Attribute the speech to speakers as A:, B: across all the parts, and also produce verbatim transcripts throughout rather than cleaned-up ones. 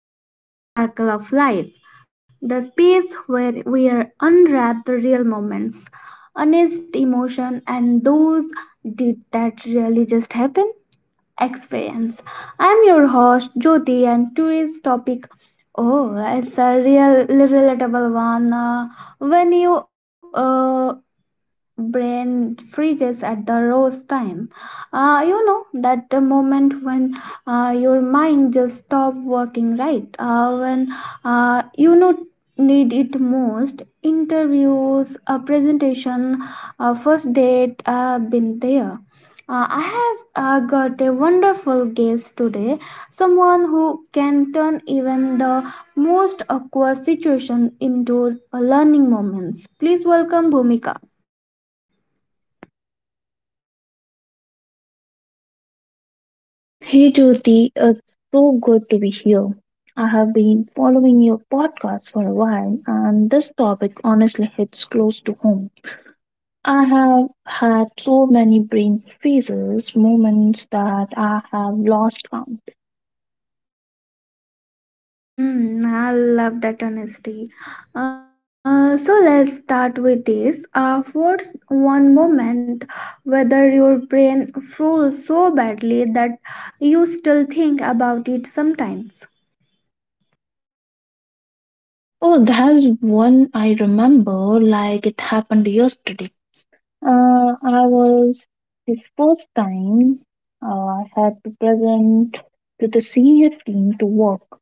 A: Welcome back to Sparkle of Life, the space where we are unwrap the real moments, honest emotion, and those did that really just happen experience. I'm your host Jyoti, and today's topic oh, it's a real relatable one. Uh, when you uh, brain freezes at the roast time, uh, you know that the moment when, uh, your mind just stop working right, uh, when uh, you know need it most, interviews, a presentation, a first date. Uh, been there. Uh, I have uh, got a wonderful guest today, someone who can turn even the most awkward situation into a learning moments. Please welcome Bhumika.
B: Hey Jyoti, it's so good to be here. I have been following your podcast for a while, and this topic honestly hits close to home. I have had so many brain freezes, moments that I have lost count.
A: Mm, I love that honesty. Uh, so let's start with this. Uh, what's one moment whether your brain froze so badly that you still think about it sometimes?
B: Oh, there's one I remember like it happened yesterday. Uh, I was the first time uh, I had to present to the senior team to work.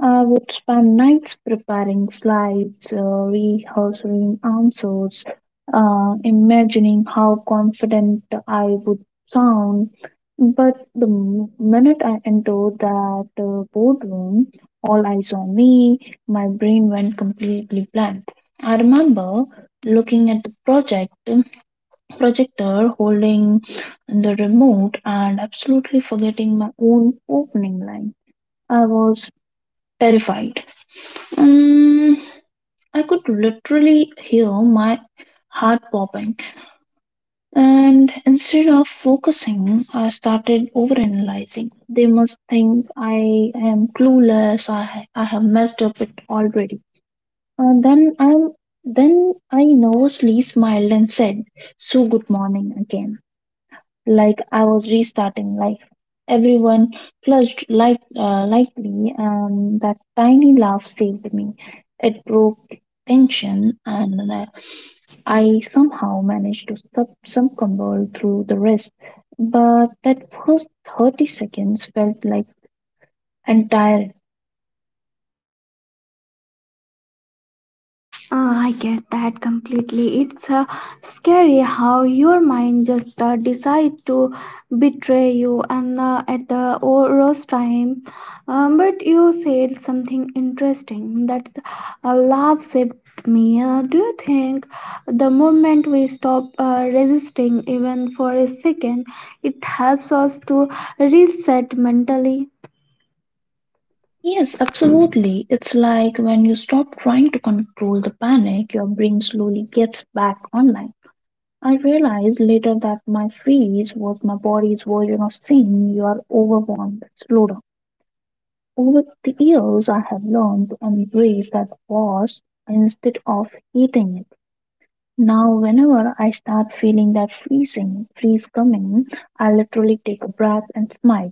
B: I would spend nights preparing slides, uh, rehearsing answers, uh, imagining how confident I would sound. But the m- minute I entered that uh, boardroom, all eyes on me, my brain went completely blank. I remember looking at the project projector, holding the remote, and absolutely forgetting my own opening line. I was terrified. Um, I could literally hear my heart popping, and instead of focusing, I started overanalyzing. They must think I am clueless. I I have messed up it already. And then I'm then I nervously smiled and said, "So good morning again," like I was restarting life. Everyone clutched light, uh, lightly, and that tiny laugh saved me. It broke tension, and uh, I somehow managed to sub- succumb through the rest. But that first thirty seconds felt like entire.
A: Uh, I get that completely. It's uh, scary how your mind just uh, decide to betray you and, uh, at the o- worst time. Um, but you said something interesting that, uh, love saved me. Uh, do you think the moment we stop uh, resisting even for a second, it helps us to reset mentally?
B: Yes, absolutely. It's like when you stop trying to control the panic, your brain slowly gets back online. I realized later that my freeze was my body's version of saying you are overwhelmed, slow down. Over the years, I have learned to embrace that pause instead of hating it. Now, whenever I start feeling that freezing, freeze coming, I literally take a breath and smile,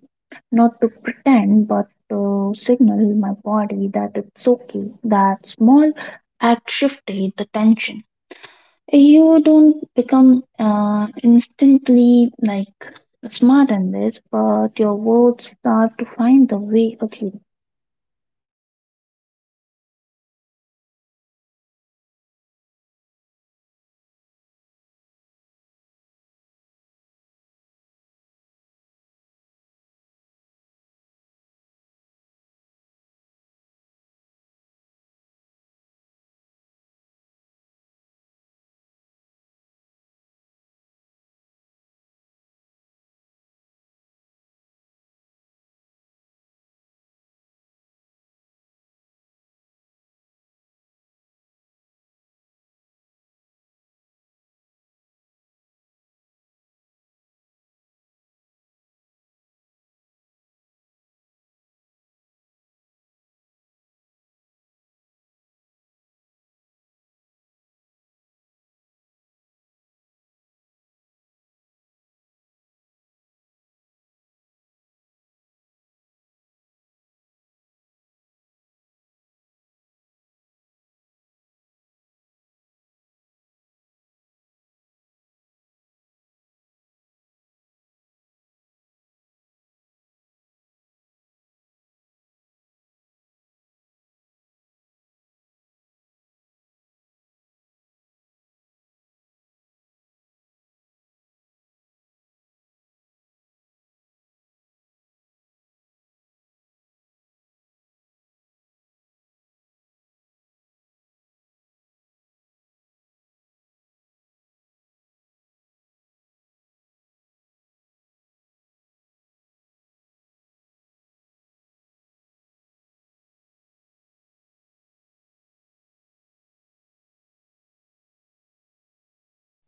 B: not to pretend, but to signal my body that it's okay. That small act shifted the tension. You don't become uh, instantly like smart in this, but your words start to find the way again.
A: That's powerful. Using your body language to reset.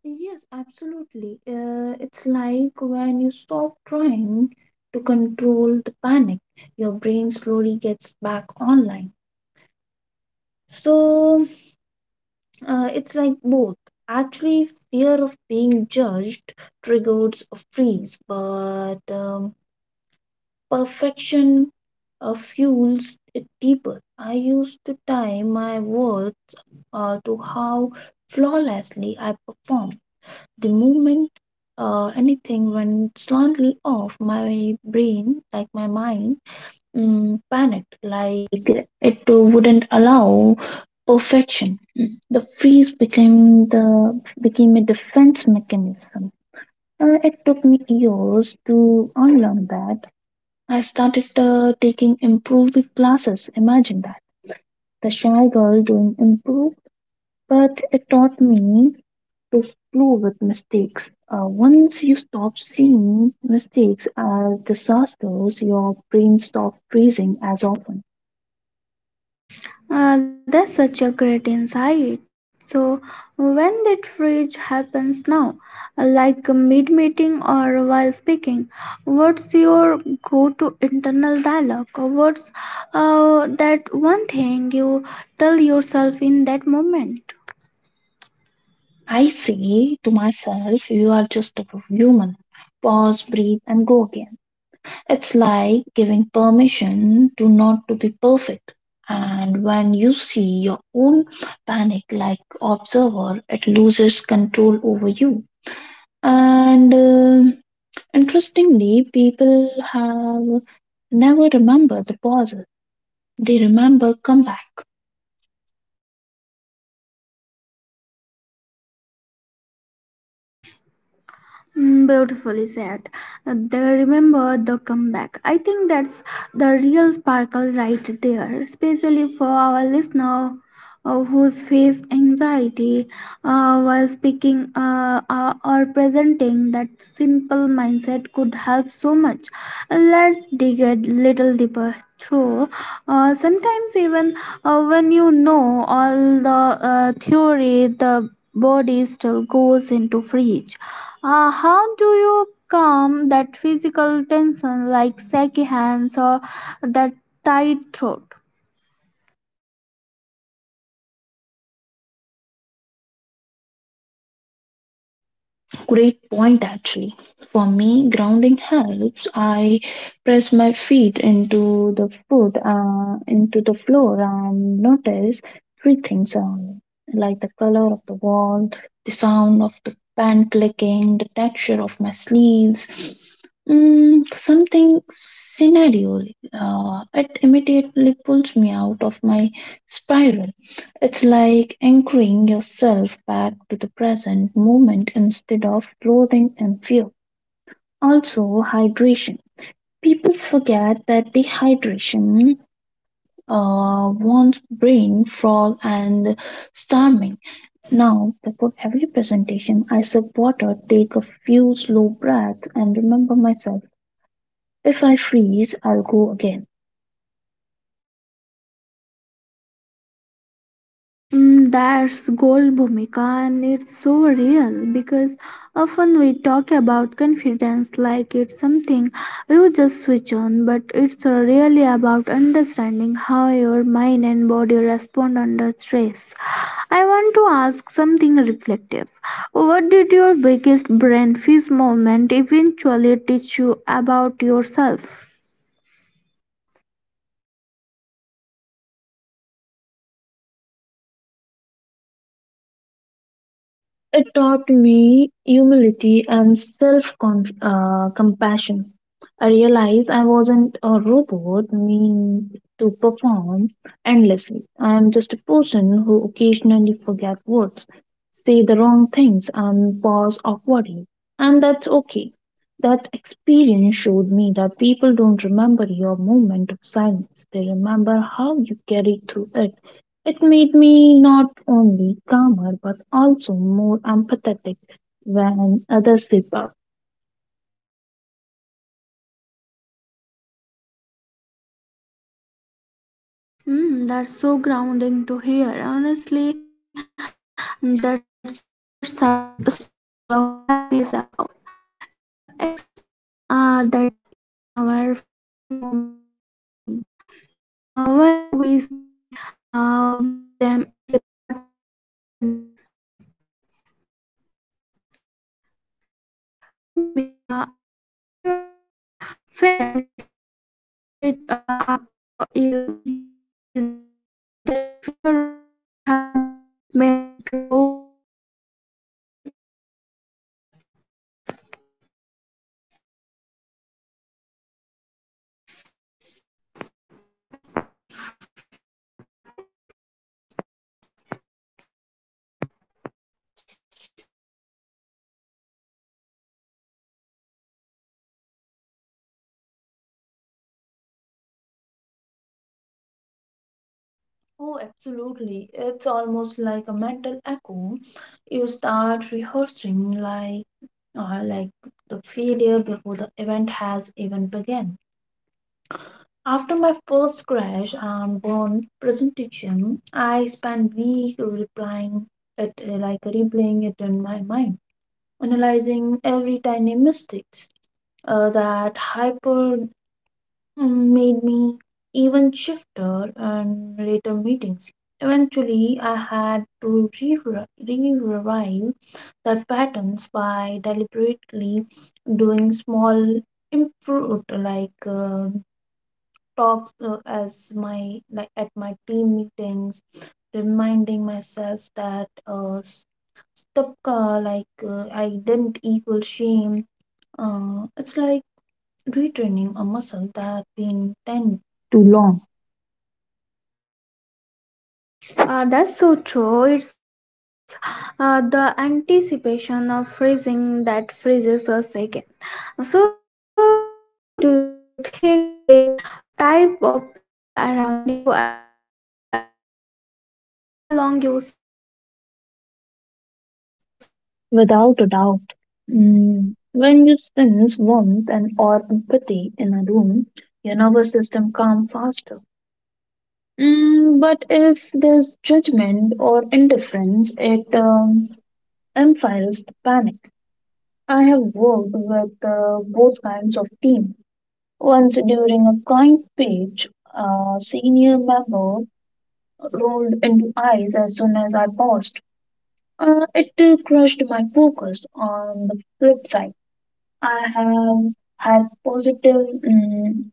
B: Yes, absolutely. Uh, it's like when you stop trying to control the panic, your brain slowly gets back online. So uh, it's like both. Actually, fear of being judged triggers a freeze, but um, perfection uh, fuels it deeper. I used to tie my worth uh, to how flawlessly I performed. The moment uh, anything went slightly off, my brain, like my mind, mm, panicked, like it uh, wouldn't allow perfection. Mm. The freeze became the became a defense mechanism. Uh, it took me years to unlearn that. I started uh, taking improv classes. Imagine that. The shy girl doing improv, but it taught me to flow with mistakes. Uh, once you stop seeing mistakes as disasters, your brain stops freezing as often.
A: Uh, that's such a great insight. So, when that freeze happens now, uh, like mid meeting or while speaking, what's your go to internal dialogue? Uh, What's uh, that one thing you tell yourself in that moment?
B: I say to myself, you are just a human. Pause, breathe, and go again. It's like giving permission to not to be perfect. And when you see your own panic like observer, it loses control over you. And uh, interestingly, people have never remember the pauses. They remember comeback.
A: Mm, beautifully said. Uh, They remember the comeback. I think that's the real sparkle right there, especially for our listener uh, who's face anxiety uh, while speaking, uh, uh, or presenting. That simple mindset could help so much. Let's dig a little deeper through. Uh, sometimes even, uh, when you know all the uh, theory, the body still goes into freeze. Uh, how do you calm that physical tension like shaky hands or that tight throat?
B: Great point, actually. For me, grounding helps. I press my feet into the foot, uh, into the floor, and notice three things around me, like the color of the wall, the sound of the pen clicking, the texture of my sleeves. Mm, something scenario. Uh, it immediately pulls me out of my spiral. It's like anchoring yourself back to the present moment instead of floating in fear. Also, hydration. People forget that dehydration uh, warns brain fog and starving. Now, before every presentation, I sip water, take a few slow breaths, and remember myself. If I freeze, I'll go again.
A: Mm, that's gold, Bhumika, and it's so real because often we talk about confidence like it's something you just switch on, but it's really about understanding how your mind and body respond under stress. I want to ask something reflective. What did your biggest brain freeze moment eventually teach you about yourself?
B: It taught me humility and self uh, compassion. I realized I wasn't a robot meant to perform endlessly. I am just a person who occasionally forget words, say the wrong things, and pause awkwardly. And that's okay. That experience showed me that people don't remember your moment of silence, they remember how you carried through it. It made me not only calmer but also more empathetic when others slip up.
A: Mm, that's so grounding to hear. Honestly, that's what sar- Sparkle of Life is about. The expecting, uh, that even our frozen moment can shine. Uh, when we see, um, them as a part of our journey. So, Bhumika, uh, have you ever felt, uh, that, uh, after a brain freeze, uh, that fear of it happening made it rose the next time?
B: Oh, absolutely. It's almost like a mental echo. You start rehearsing like uh, like the failure before the event has even begun. After my first crash and burn presentation, I spent week replying it uh, like replaying it in my mind, analyzing every tiny mistakes. Uh, that hyper mm, made me even shifter and later meetings. Eventually, I had to re- revive the patterns by deliberately doing small improved like uh, talks uh, as my like at my team meetings, reminding myself that uh, stop uh, like uh, I didn't equal shame. Uh, it's like retraining a muscle that been tend too long.
A: Uh, that's so true. It's uh, the anticipation of freezing that freezes us again. So, do you think the type of people around you at the moment affects how long you stay stuck?
B: Without a doubt, Mm, when you sense warmth and or empathy in a
A: Like,
B: room,
A: how long
B: your
A: you
B: nervous
A: stay stuck
B: system
A: at the
B: calms
A: moment?
B: faster. Mm, but if there's judgment or indifference, it um, amplifies the panic. I have worked with uh, both kinds of team. Once during a client page, a senior member rolled into eyes as soon as I paused. Uh, it uh, crushed my focus on the flip side. I have had positive mm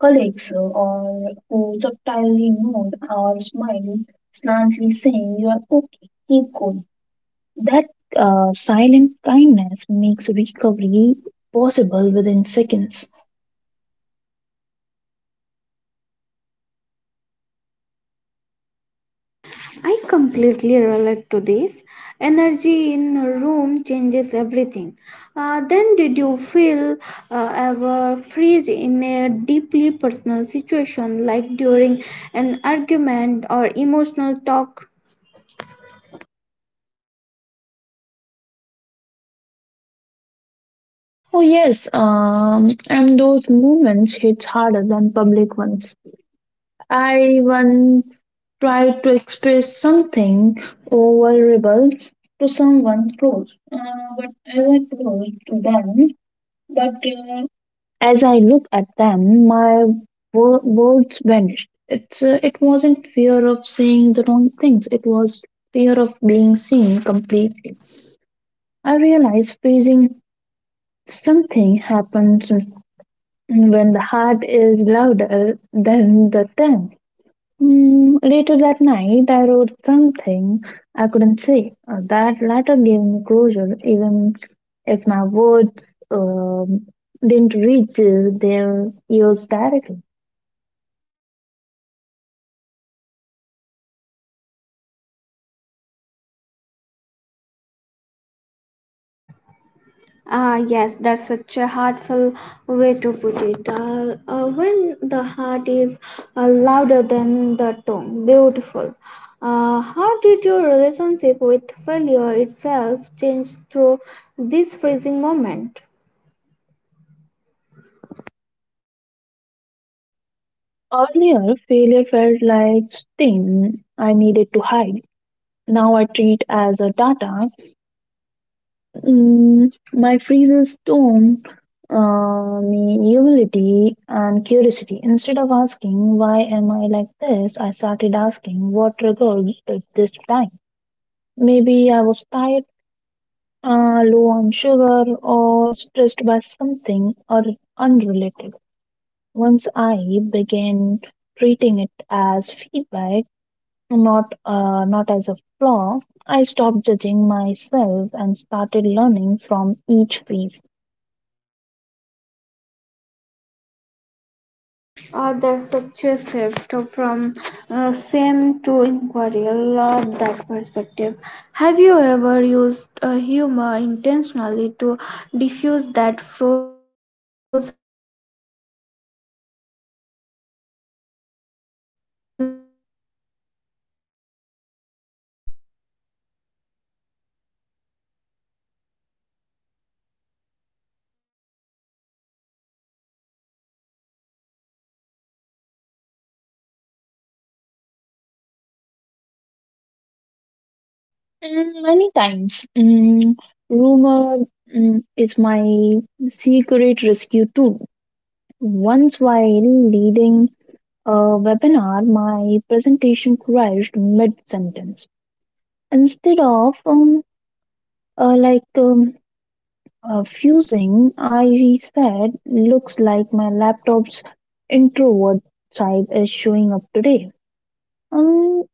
B: colleagues or who subtly nod or smile, slightly saying, "You are okay, keep going." That uh, silent kindness makes recovery possible within seconds.
A: I completely relate to this. Energy in a room changes everything. Uh, then, did you feel, uh, ever freeze in a deeply personal situation, like during an argument or emotional talk?
B: Oh, yes, um, and those moments hit harder than public ones. I once tried to express something vulnerable to someone close, uh, but as I close to them, but uh, as I looked at them, my wo- words vanished. It's uh, it wasn't fear of saying the wrong things. It was fear of being seen completely. I realized freezing something happens when the heart is louder than the tongue. Mm, later that night, I wrote something I couldn't say. Uh, that letter gave me closure, even if my words um, didn't reach their ears directly.
A: Ah, yes, that's such a heartful way to put it. Uh, uh, when the heart is, uh, louder than the tongue, beautiful. Uh, how did your relationship with failure itself change through this freezing moment?
B: Earlier, failure felt like sting I needed to hide. Now I treat as a data. Mm, my freezing storm uh, me humility and curiosity. Instead of asking why am I like this, I started asking what triggered it this time. Maybe I was tired, uh, low on sugar, or stressed by something or unrelated. Once I began treating it as feedback, not uh, not as a flaw, I stopped judging myself and started learning from each phase.
A: Uh, that's such a shift from, uh, same to inquiry. I love that perspective. Have you ever used uh, humor intentionally to diffuse that frozen silence? to diffuse the frozen silence?
B: Mm, many times. Mm, rumor mm, is my secret rescue tool. Once, while leading a webinar, my presentation crashed mid sentence. Instead of um, uh, like um, uh, fusing, I said, "Looks like my laptop's introvert side is showing up today." Um,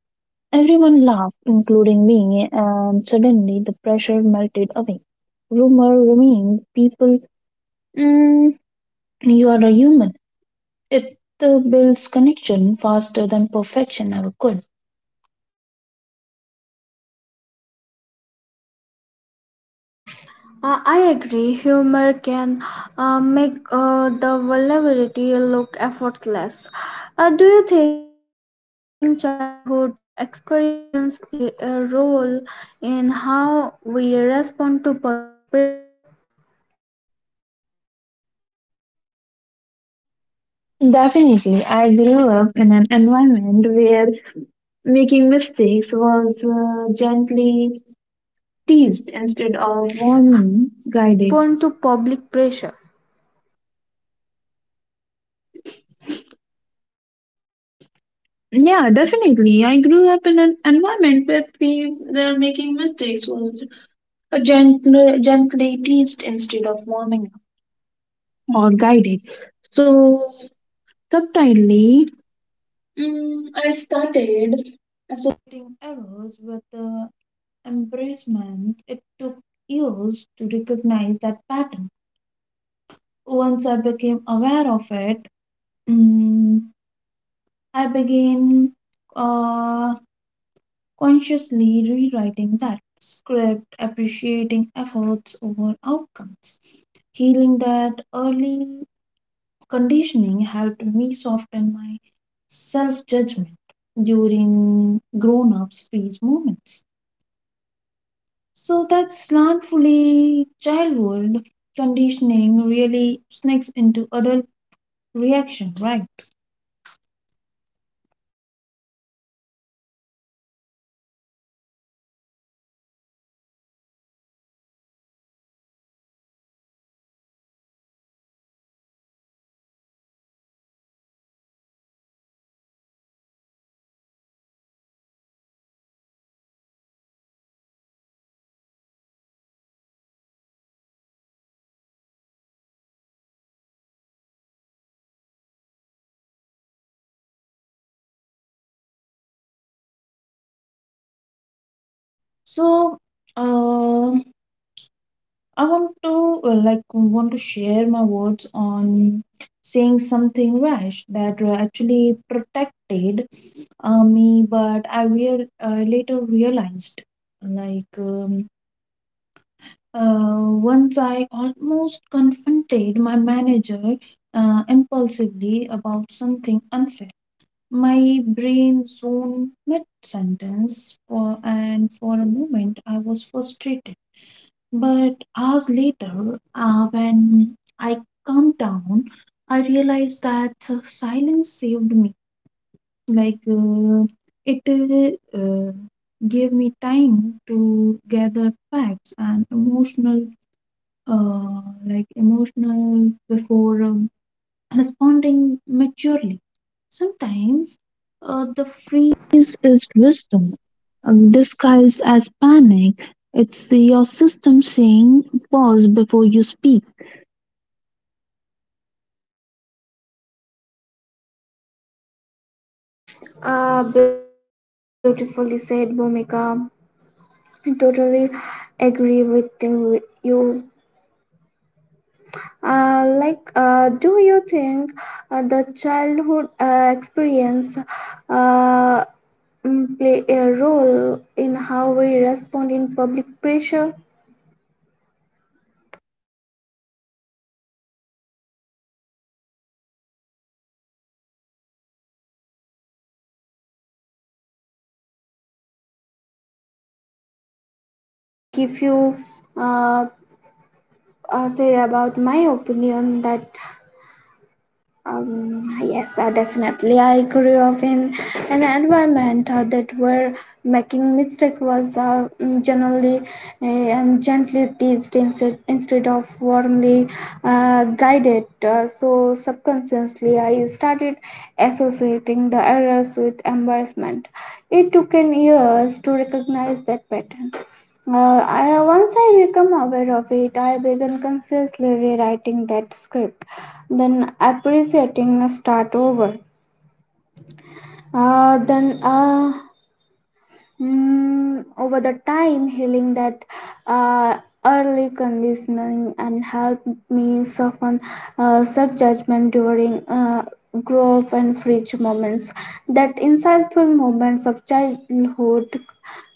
B: Everyone laughed, including me, and suddenly the pressure melted away. Rumor remained people, mm, you are a human. It uh, builds connection faster than perfection ever could.
A: Uh, I agree. Humor can uh, make uh, the vulnerability look effortless. Uh, do you think childhood experience play a role in how we respond to public pressure?
B: Definitely, I grew up in an environment where making mistakes was uh, gently teased instead of
A: How
B: warmly
A: we
B: guided.
A: respond to public pressure?
B: Yeah, definitely. I grew up in an environment where people making mistakes was gently, gently teased instead of warming up or guided. So subtly, Mm, I started associating errors with uh, embracement. It took years to recognize that pattern. Once I became aware of it, mm, I began uh, consciously rewriting that script, appreciating efforts over outcomes, healing that early conditioning helped me soften my self judgment during grown ups' phase moments. So that slantfully childhood conditioning really sneaks into adult reaction, right? So um I want to uh, like want to share my words on saying something rash that uh, actually protected uh, me, but I real I later realized like um, Uh, once I almost confronted my manager uh, impulsively about something unfair. My brain zoned mid sentence, for, and for a moment I was frustrated. But hours later, uh, when I calmed down, I realized that uh, silence saved me. Like uh, it uh, uh, gave me time to gather facts and emotional uh, like emotional before um, responding maturely. Sometimes uh, the freeze is wisdom um, disguised as panic. It's your system saying pause before you speak.
A: Ah, beautifully said, Bhumika. I totally agree with you. you. Uh, like, uh, do you think uh, the childhood uh, experience, uh, mm, play a role in how we respond in public pressure? Uh, like, if you uh, uh, say about my opinion that, Um, yes, uh, definitely. I grew up in an environment, uh, that where making mistake was, uh, mm, generally uh, and gently teased instead instead of warmly uh, guided. Uh, so subconsciously, I started associating the errors with embarrassment. It took an years to recognize that pattern. Uh, I, once I became aware of it, I began consciously rewriting that script, then appreciating a start over. Uh, then uh, Mm, over the time, healing that, uh, early conditioning and helped me soften uh, self judgment during, uh, growth and rich moments. That insightful moments of childhood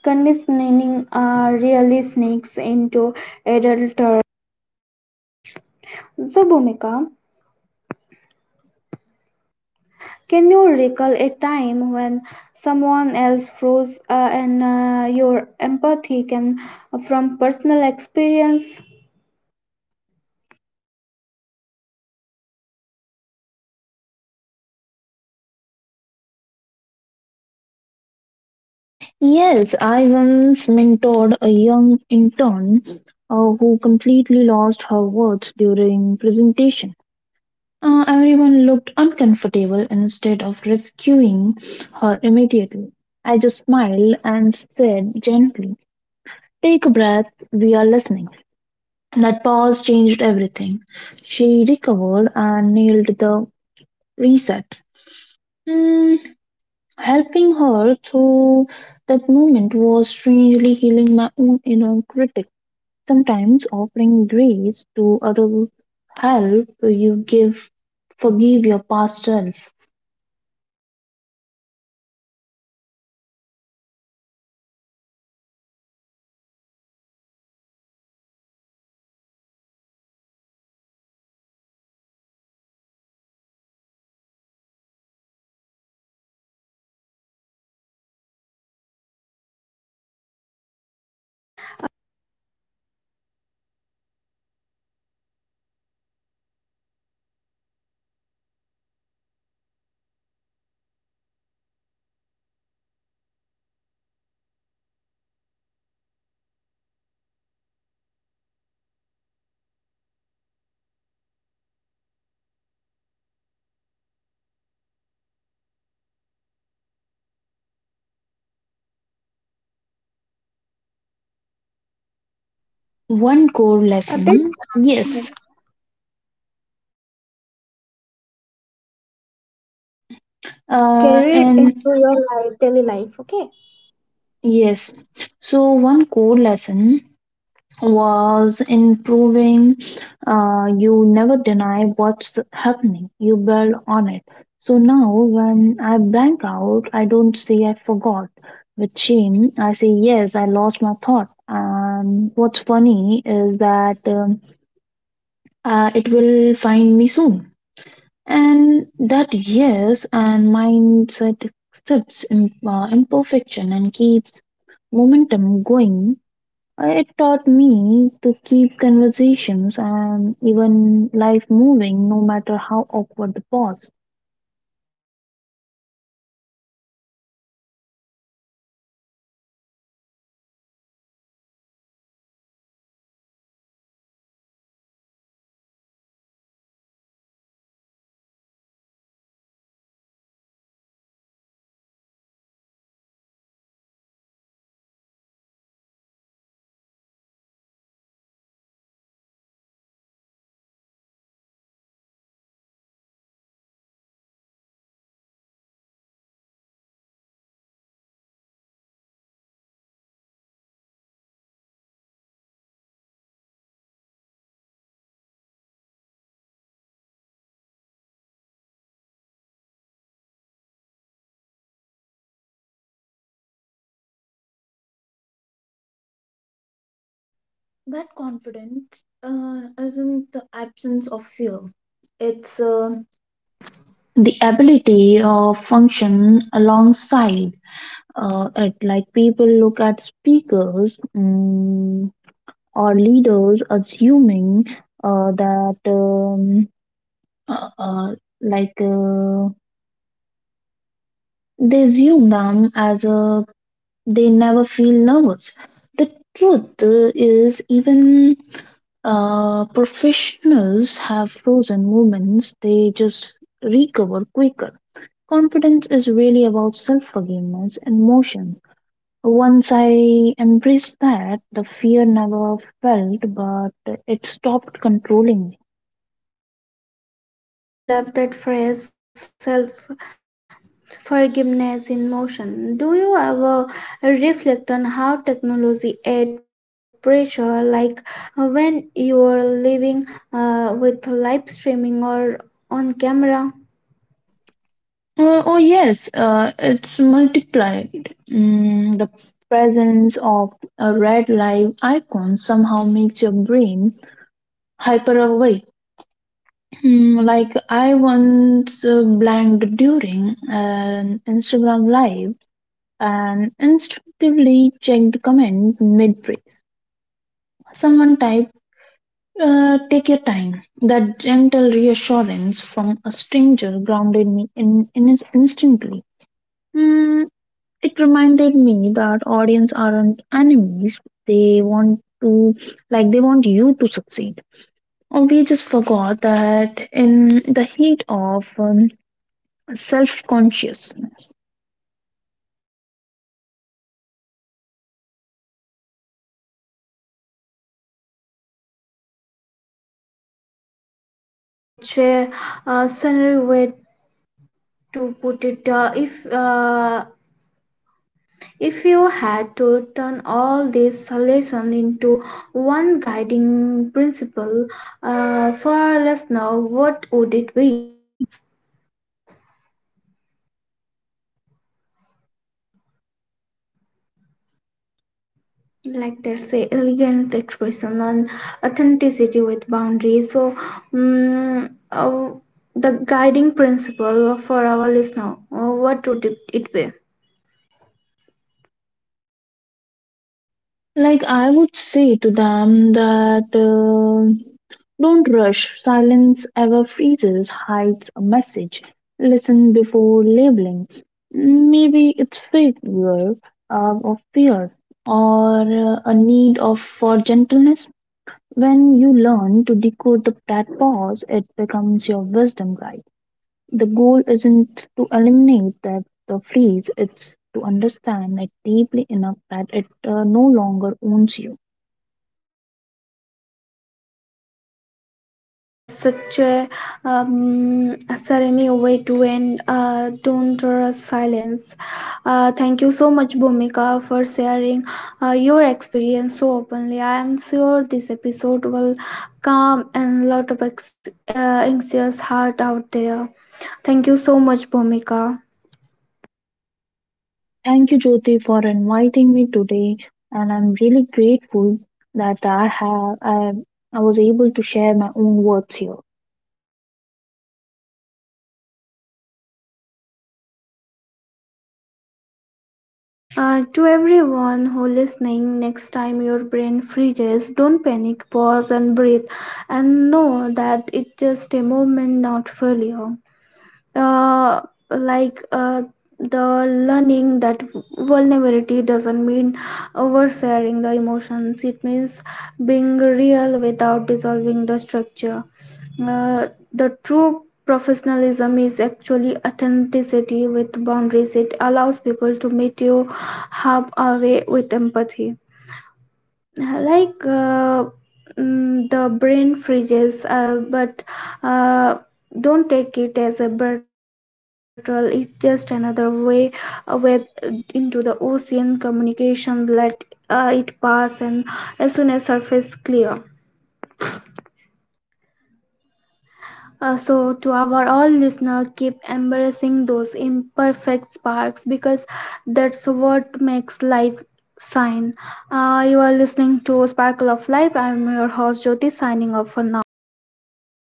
A: conditioning uh, really sneaks into adulthood. So, Bhumika, can you recall a time when someone else froze, uh, and uh, your empathy can from personal experience?
B: Yes, I once mentored a young intern uh, who completely lost her words during presentation. Uh, everyone looked uncomfortable instead of rescuing her immediately. I just smiled and said gently, "Take a breath, we are listening." That pause changed everything. She recovered and nailed the reset. Hmm, helping her through that moment was strangely healing my own inner critic. Sometimes offering grace to other help you give forgive your past self.
A: I totally agree with you, Bhumika. Uh, that's such a beautiful cycle, uh, healing by compassions. You mentioned improve helped you. The word specific relation from improve carried into uh, your daily life.
B: One core
A: Uh, that
B: lesson, yes,
A: uh, that
B: uh,
A: carried into
B: and
A: your life, daily life. Okay,
B: yes. So one core lesson was improving. Uh, you never deny what's happening. You build on it. So now, when I blank out, I don't say I forgot. With shame, I say yes, I lost my thought. And what's funny is that um, uh, it will find me soon. And that yes, and mindset accepts im- uh, imperfection and keeps momentum going. It taught me to keep conversations and even life moving, no matter how awkward the pause. That confidence uh, isn't the absence of fear. It's uh, the ability of function alongside uh, it, like people look at speakers, mm, or leaders assuming uh, that um, uh, uh, like uh, they assume them as a they never feel nervous. The truth uh, is even uh, professionals have frozen moments. They just recover quicker. Confidence is really about self-forgiveness and motion. Once I embraced that, the fear never felt, but it stopped controlling me.
A: I love that phrase, self forgiveness in motion. Do you ever reflect on how technology adds pressure, like, uh, when you are living, uh, with live streaming or on camera?
B: Uh, oh yes, uh, it's multiplied. Mm, the presence of a red light icon somehow makes your brain hyper awake. Mm, like I once uh, blanked during an Instagram live and instinctively checked comment mid praise. Someone typed, uh, "Take your time." That gentle reassurance from a stranger grounded me in, in instantly. Mm, It reminded me that audience aren't enemies. They want to Like they want you to succeed. Or we just forgot that in the heat of um, self-consciousness.
A: Uh, that's such a, uh, summary way to put it. Uh, if uh, if you had to turn all these lessons into one guiding principle uh, for a listener, what would it be? Like there's a elegant expression on authenticity with boundaries, so mm uh, the guiding principle for our listener, uh, what would it it be?
B: Like I would say to them that uh, don't rush. Silence ever freezes, hides a message. Listen before labeling. Maybe it's failure uh, or fear or uh, a need of for gentleness. When you learn to decode the, that pause, it becomes your wisdom guide. The goal isn't to eliminate that the freeze, it's to understand it deeply enough that it uh, no longer owns you.
A: Uh, that's such a, um, a serene way to end. Uh, don't trust silence. Uh, thank you so much, Bhumika, for sharing uh, your experience so openly. I am sure this episode will calm and lot of ex- uh, anxious heart out there. Thank you so much, Bhumika.
B: Thank you, Jyoti, for inviting me today, and I'm really grateful that I have I, I was able to share my own words here.
A: Uh, to everyone who listening, next time your brain freezes, don't panic. Pause and breathe, and know that it's just a moment, not failure. Uh, like uh, the learning that vulnerability doesn't mean oversharing the emotions. It means being real without dissolving the structure. Uh, the true professionalism is actually authenticity with boundaries. It allows people to meet you halfway with empathy. Like uh, mm, the brain freezes, uh, but uh, don't take it as a betrayal. It's just another way, a way into the ocean communication. Let uh, it pass, and as soon as surface clear. Uh, so, to our all listener, keep embracing those imperfect sparks because that's what makes life shine. Uh, you are listening to Sparkle of Life. I'm your host Jyoti, signing off for now.